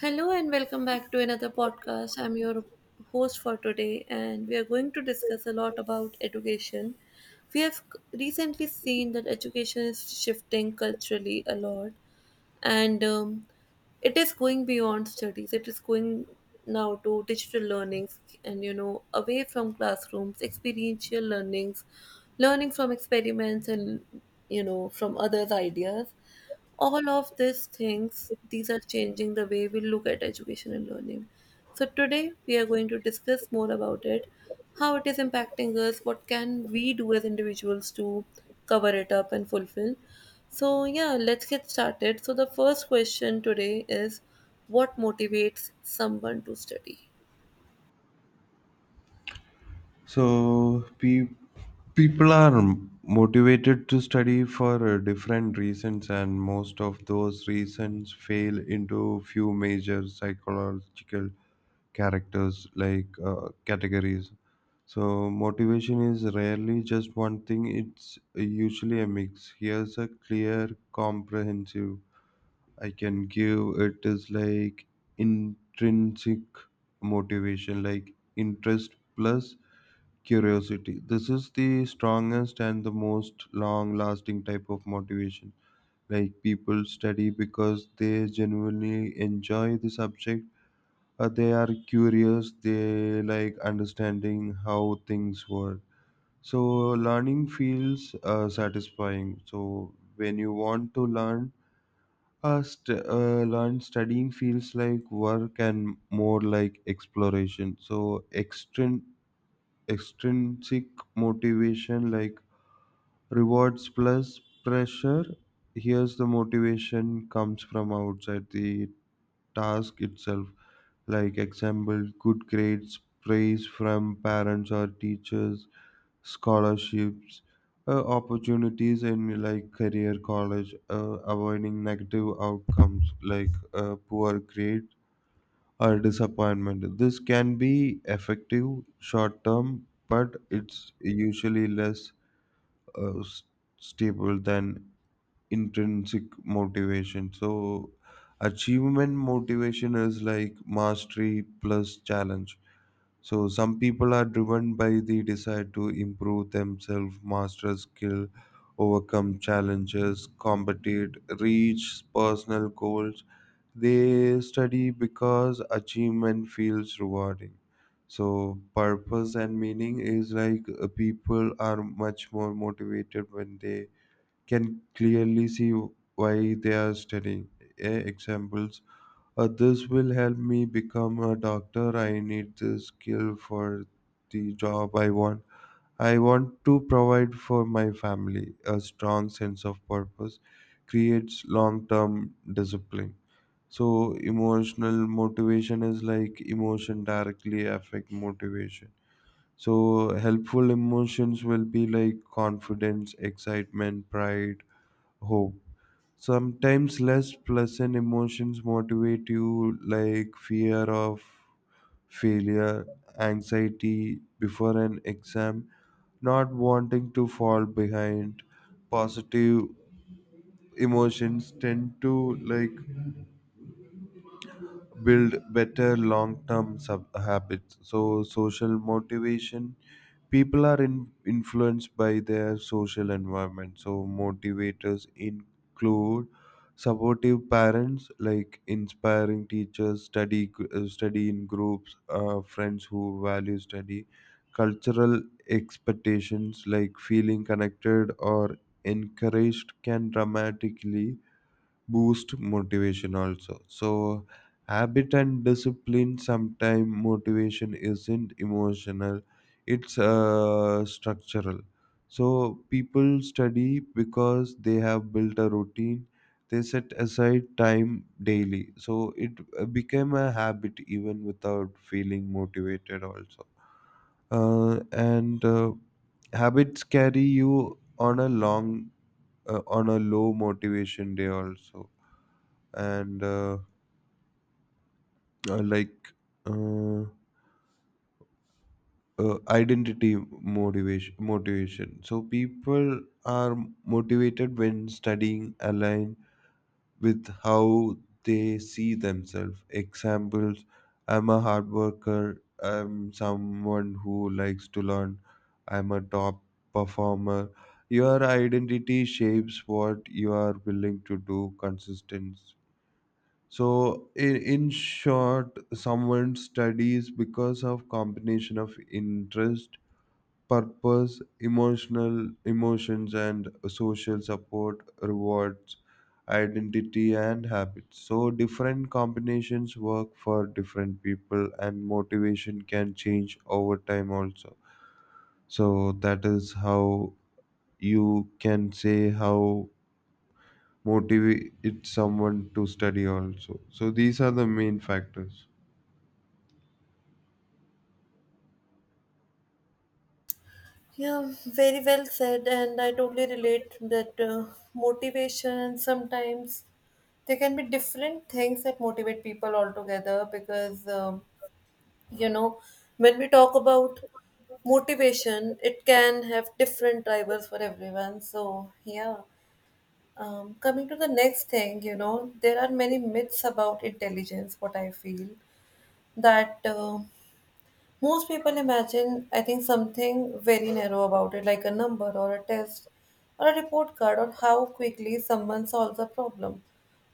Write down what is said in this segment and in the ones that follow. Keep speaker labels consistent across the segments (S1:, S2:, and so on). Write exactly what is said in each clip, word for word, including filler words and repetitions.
S1: Hello and welcome back to another podcast. I'm your host for today, and we are going to discuss a lot about education. We have recently seen that education is shifting culturally a lot, and um, it is going beyond studies. It is going now to digital learnings and you know away from classrooms, experiential learnings, learning from experiments and you know from others ideas. All of these things, these are changing the way we look at education and learning, so today we are going to discuss more about it, how it is impacting us, what can we do as individuals to cover it up and fulfill. So, yeah, let's get started. So, the first question today is, what motivates someone to study?
S2: So pe- People are motivated to study for uh, different reasons, and most of those reasons fail into few major psychological characters like uh, categories. So motivation is rarely just one thing; it's usually a mix. Here's a clear, comprehensive I can give. It is like intrinsic motivation, like interest plus curiosity. This is the strongest and the most long lasting type of motivation, like people study because they genuinely enjoy the subject. Uh, they are curious, they like understanding how things work, so learning feels uh, satisfying. So when you want to learn, uh, st- uh, learn, studying feels like work and more like exploration. So extrin- extrinsic motivation, like rewards plus pressure. Here's the motivation comes from outside the task itself, like example good grades, praise from parents or teachers, scholarships, uh, opportunities in like career, college, uh, avoiding negative outcomes like uh, poor grade or disappointment. This can be effective short term but it's usually less uh, s- stable than intrinsic motivation. So, achievement motivation is like mastery plus challenge. So, some people are driven by the desire to improve themselves, master skill, overcome challenges, compete, reach personal goals. They study because achievement feels rewarding. So, purpose and meaning is like uh, people are much more motivated when they can clearly see why they are studying. A examples. Uh, this will help me become a doctor. I need this skill for the job I want. I want to provide for my family. A strong sense of purpose creates long term discipline. So emotional motivation is like emotion directly affect motivation. So helpful emotions will be like confidence, excitement, pride, hope. Sometimes less pleasant emotions motivate you, like fear of failure, anxiety before an exam, not wanting to fall behind. Positive emotions tend to like build better long-term sub- habits. So social motivation, people are in, influenced by their social environment. So motivators include supportive parents, like inspiring teachers, study gr- uh, study in groups, uh, friends who value study, cultural expectations. Like feeling connected or encouraged can dramatically boost motivation also. So habit and discipline, sometimes motivation isn't emotional, it's uh, structural. So people study because they have built a routine, they set aside time daily, so it uh, became a habit even without feeling motivated also. Uh, and uh, Habits carry you on a long, uh, on a low motivation day also. And uh, uh, like uh, uh, Identity motivation motivation, so people are motivated when studying align with how they see themselves. Examples, I'm a hard worker, I'm someone who likes to learn, I'm a top performer. Your identity shapes what you are willing to do consistent. So in, in short, someone studies because of combination of interest, purpose, emotional emotions and social support, rewards, identity and habits. So different combinations work for different people and motivation can change over time also. So that is how you can say how motivate someone to study also. So these are the main factors.
S1: Yeah, very well said, and I totally relate that uh, motivation sometimes, there can be different things that motivate people altogether because um, you know when we talk about motivation, it can have different drivers for everyone. So yeah, um, coming to the next thing, you know, there are many myths about intelligence. What I feel that uh, most people imagine, I think, something very narrow about it, like a number or a test or a report card or how quickly someone solves a problem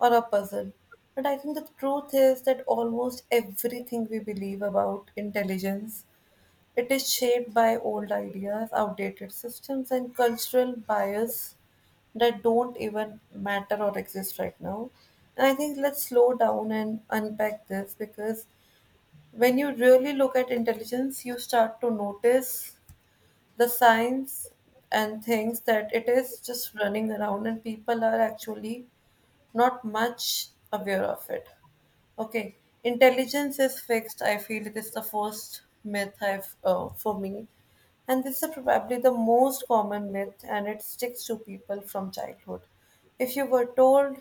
S1: or a puzzle. But I think the truth is that almost everything we believe about intelligence, it is shaped by old ideas, outdated systems, and cultural bias that don't even matter or exist right now. And I think let's slow down and unpack this, because when you really look at intelligence, you start to notice the signs and things that it is just running around and people are actually not much aware of it. Okay, intelligence is fixed. I feel it is the first myth I've uh, for me, and this is probably the most common myth, and it sticks to people from childhood. If you were told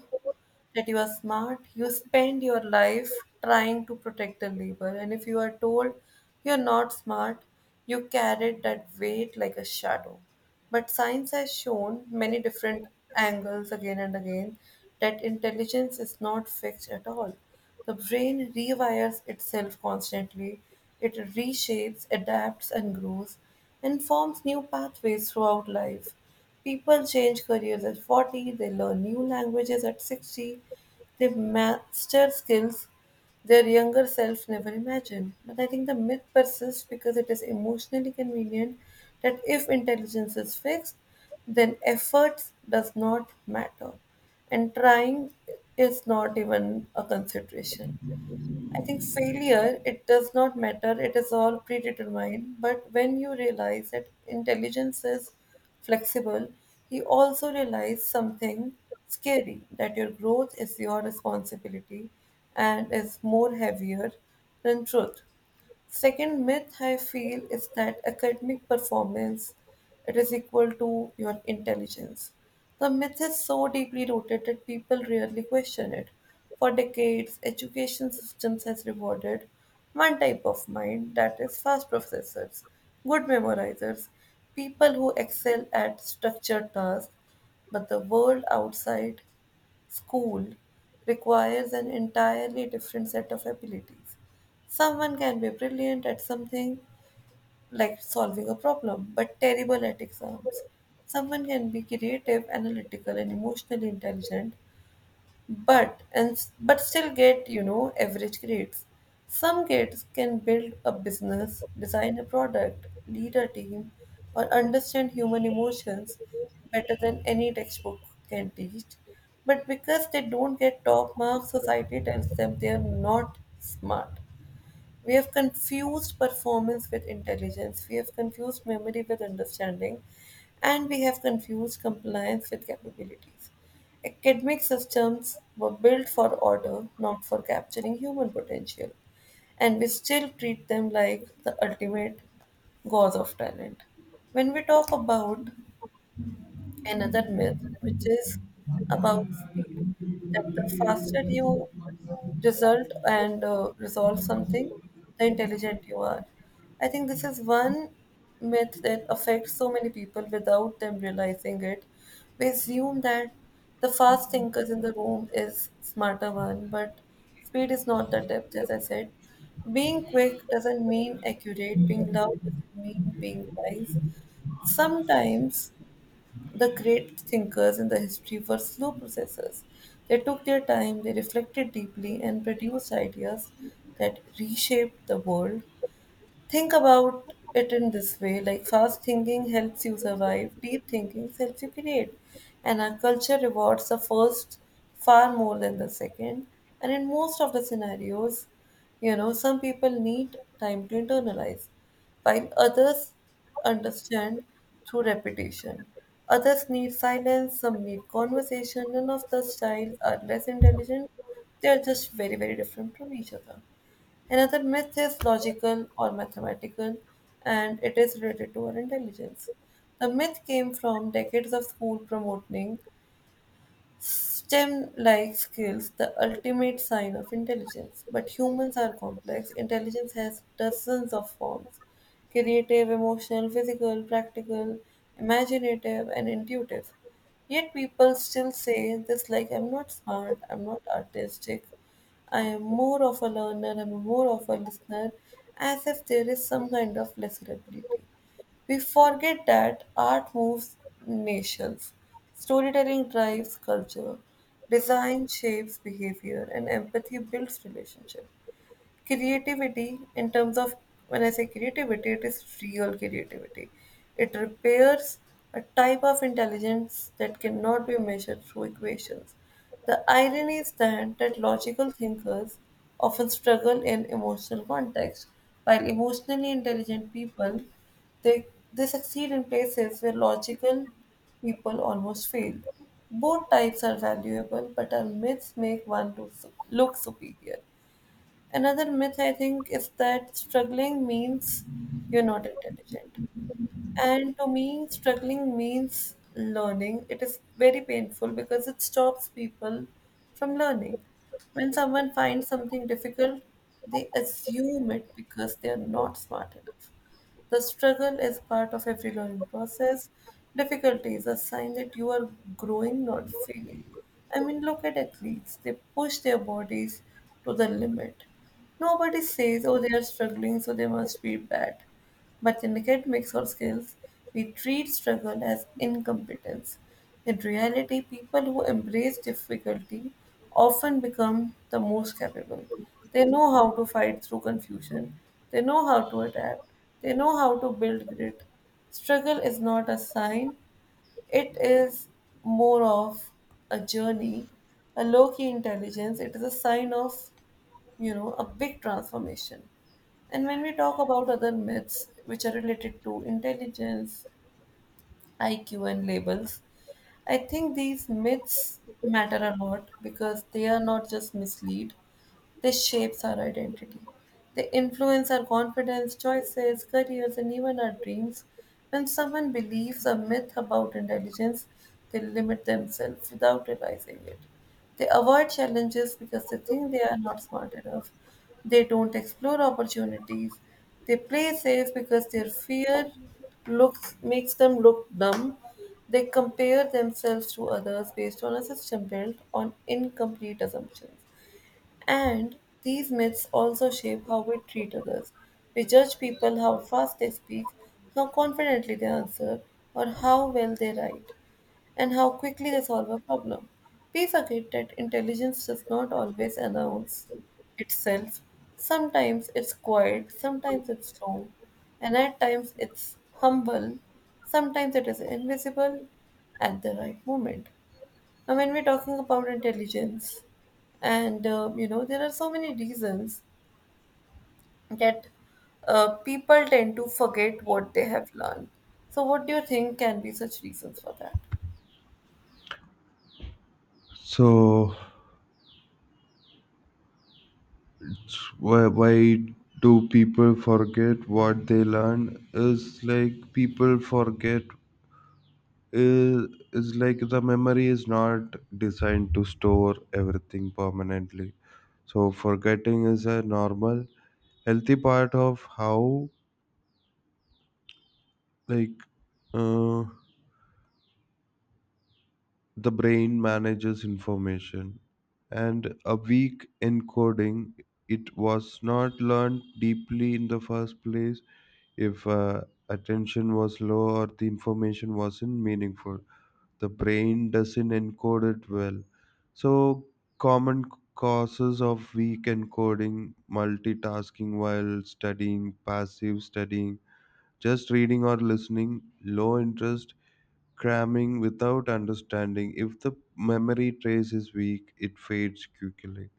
S1: that you are smart, you spend your life trying to protect the labor. And if you are told you're not smart, you carried that weight like a shadow. But science has shown many different angles again and again that intelligence is not fixed at all. The brain rewires itself constantly, it reshapes, adapts, and grows, and forms new pathways throughout life. People change careers at forty, they learn new languages at sixty, they master skills their younger self never imagined. But I think the myth persists because it is emotionally convenient that if intelligence is fixed, then effort does not matter and trying is not even a consideration. I think failure, it does not matter, it is all predetermined. But when you realize that intelligence is flexible, you also realize something scary, that your growth is your responsibility and is more heavier than truth. Second myth I feel is that academic performance, it is equal to your intelligence. The myth is so deeply rooted that people rarely question it. For decades, education systems has rewarded one type of mind, that is fast processors, good memorizers, people who excel at structured tasks, but the world outside school requires an entirely different set of abilities. Someone can be brilliant at something like solving a problem, but terrible at exams. Someone can be creative, analytical, and emotionally intelligent, but and but still get, you know, average grades. Some kids can build a business, design a product, lead a team, or understand human emotions better than any textbook can teach, but because they don't get top marks, society tells them they are not smart. We have confused performance with intelligence, we have confused memory with understanding, and we have confused compliance with capabilities. Academic systems were built for order, not for capturing human potential, and we still treat them like the ultimate gauze of talent. When we talk about another myth, which is about speed, that the faster you result and uh, resolve something, the intelligent you are. I think this is one myth that affects so many people without them realizing it. We assume that the fast thinkers in the room is smarter one, but speed is not the depth, as I said. Being quick doesn't mean accurate, being loud doesn't mean being wise. Sometimes the great thinkers in the history were slow processors. They took their time, they reflected deeply, and produced ideas that reshaped the world. Think about it in this way, like fast thinking helps you survive, deep thinking helps you create. And our culture rewards the first far more than the second. And in most of the scenarios, you know, some people need time to internalize, while others understand through repetition. Others need silence, some need conversation. None of the styles are less intelligent, they are just very, very different from each other. Another myth is logical or mathematical, and it is related to our intelligence. The myth came from decades of school promoting STEM like skills, the ultimate sign of intelligence. But humans are complex. Intelligence has dozens of forms: creative, emotional, physical, practical, imaginative, and intuitive. Yet people still say this, like I'm not smart, I'm not artistic, I am more of a learner, I'm more of a listener, as if there is some kind of lesser ability. We forget that art moves nations, storytelling drives culture, design shapes behavior, and empathy builds relationships. Creativity in terms of, when I say creativity, it is real creativity, it repairs, a type of intelligence that cannot be measured through equations. The irony is that that logical thinkers often struggle in emotional context, while emotionally intelligent people, they they succeed in places where logical people almost fail. Both types are valuable, but our myths make one look, su- look superior. Another myth I think is that struggling means you're not intelligent. And to me, struggling means learning. It is very painful because it stops people from learning. When someone finds something difficult, they assume it because they are not smart enough. The struggle is part of every learning process. Difficulty is a sign that you are growing, not failing. I mean, look at athletes, they push their bodies to the limit. Nobody says, oh, they are struggling, so they must be bad. But in academics or skills, we treat struggle as incompetence. In reality, people who embrace difficulty often become the most capable. They know how to fight through confusion, they know how to adapt, they know how to build grit. Struggle is not a sign, it is more of a journey, a low key intelligence. It is a sign of, you know, a big transformation. And when we talk about other myths which are related to intelligence, I Q, and labels. I think these myths matter a lot because they are not just mislead, they shapes our identity. They influence our confidence, choices, careers, and even our dreams. When someone believes a myth about intelligence, they limit themselves without realizing it. They avoid challenges because they think they are not smart enough. They don't explore opportunities. They play safe because their fear looks makes them look dumb. They compare themselves to others based on a system built on incomplete assumptions. And these myths also shape how we treat others. We judge people how fast they speak, how confidently they answer, or how well they write, and how quickly they solve a problem. We forget that intelligence does not always announce itself. Sometimes it's quiet, sometimes it's long, and at times it's humble, sometimes it is invisible at the right moment. Now, when we're talking about intelligence, and uh, you know, there are so many reasons that uh, people tend to forget what they have learned. So, what do you think can be such reasons for that?
S2: So, why, why do people forget what they learn? Is like people forget, is, is like the memory is not designed to store everything permanently. So, forgetting is a normal, healthy part of how like uh, the brain manages information. And a weak encoding, it was not learned deeply in the first place. If uh, attention was low or the information wasn't meaningful, the brain doesn't encode it well. So, common causes of weak encoding: multitasking while studying, passive studying, just reading or listening, low interest, cramming without understanding. If the memory trace is weak, it fades quickly.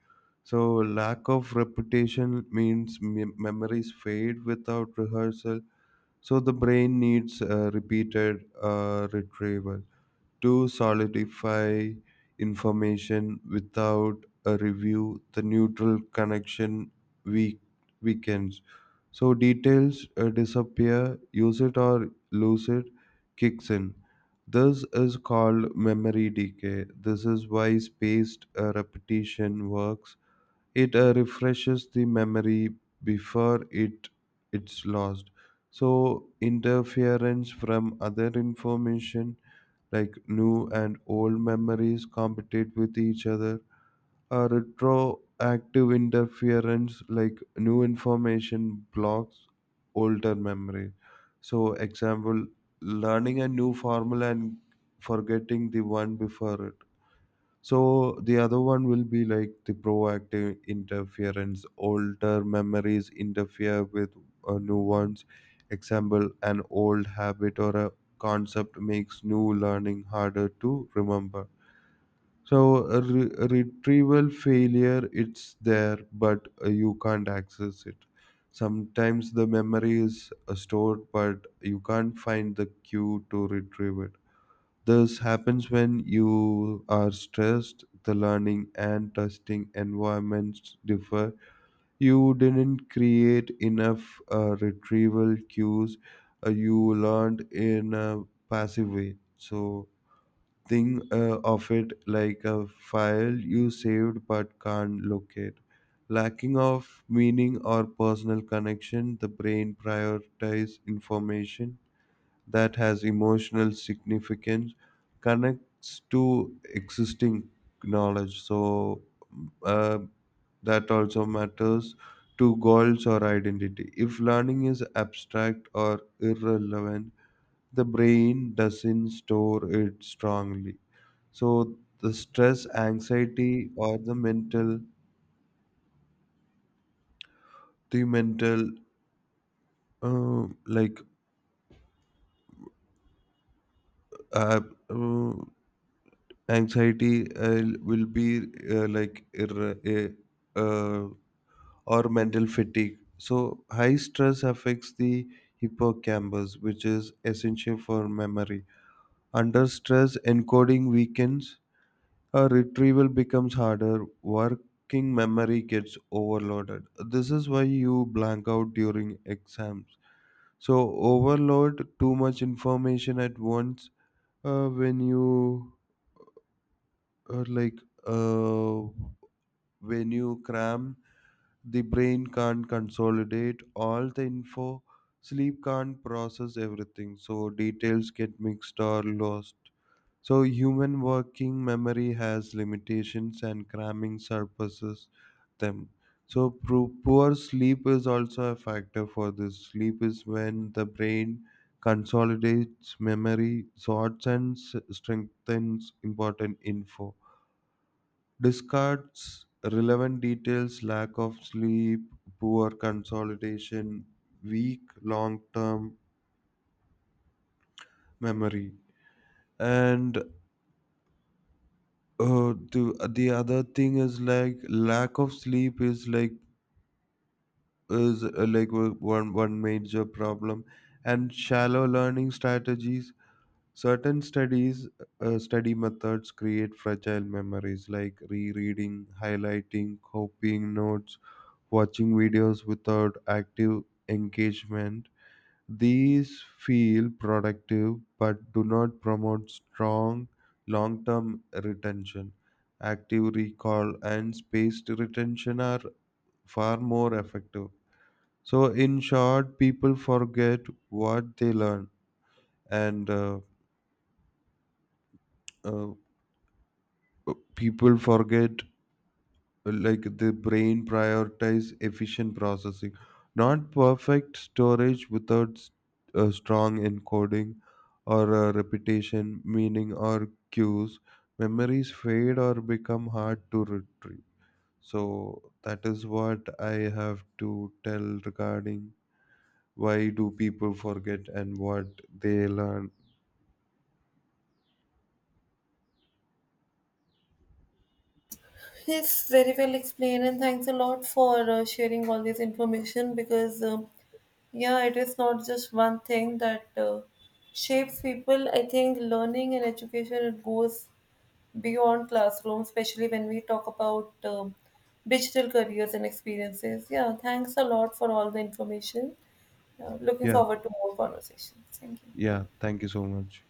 S2: So, lack of repetition means me- memories fade without rehearsal. So the brain needs uh, repeated uh, retrieval to solidify information without a review. The neutral connection weak weakens. So details uh, disappear, use it or lose it, kicks in. This is called memory decay. This is why spaced uh, repetition works. It uh, refreshes the memory before it it's lost. So interference from other information, like new and old memories compete with each other. A retroactive interference, like new information blocks older memory. So example, learning a new formula and forgetting the one before it. So the other one will be like the proactive interference. Older memories interfere with uh, new ones. Example, an old habit or a concept makes new learning harder to remember. So a re- a retrieval failure, it's there, but uh, you can't access it. Sometimes the memory is uh, stored, but you can't find the cue to retrieve it. This happens when you are stressed, the learning and testing environments differ. You didn't create enough uh, retrieval cues, uh, you learned in a passive way. So, think uh, of it like a file you saved but can't locate. Lacking of meaning or personal connection, the brain prioritizes information that has emotional significance, connects to existing knowledge. So uh, that also matters to goals or identity. If learning is abstract or irrelevant, the brain doesn't store it strongly. So the stress, anxiety, or the mental the mental uh, like uh, uh, anxiety uh, will be uh, like ir- eh, uh, or mental fatigue. So high stress affects the hippocampus, which is essential for memory. Under stress, encoding weakens, uh, retrieval becomes harder, working memory gets overloaded. This is why you blank out during exams. So overload, too much information at once. uh, when you are like uh, When you cram, the brain can't consolidate all the info, sleep can't process everything, so details get mixed or lost. So human working memory has limitations and cramming surpasses them. So pro- poor sleep is also a factor for this. Sleep is when the brain consolidates memory, sorts and s- strengthens important info, discards relevant details. Lack of sleep, poor consolidation, weak long term memory. And uh, the, the other thing is like lack of sleep is like is uh, like o- one one major problem. And shallow learning strategies, certain studies, uh, study methods create fragile memories, like rereading, highlighting, copying notes, watching videos without active engagement. These feel productive but do not promote strong long term retention. Active recall and spaced retention are far more effective. So, in short, people forget what they learn, and uh, uh, people forget like the brain prioritize efficient processing, not perfect storage, without s- a strong encoding or a repetition, meaning or cues, memories fade or become hard to retrieve. So that is what I have to tell regarding why do people forget and what they learn.
S1: Yes, very well explained, and thanks a lot for uh, sharing all this information because, um, yeah, it is not just one thing that uh, shapes people. I think learning and education, it goes beyond classroom, especially when we talk about um, digital careers and experiences. Yeah, thanks a lot for all the information. Uh, looking
S2: Yeah,
S1: forward to more conversations. Thank you.
S2: yeah, thank you so much.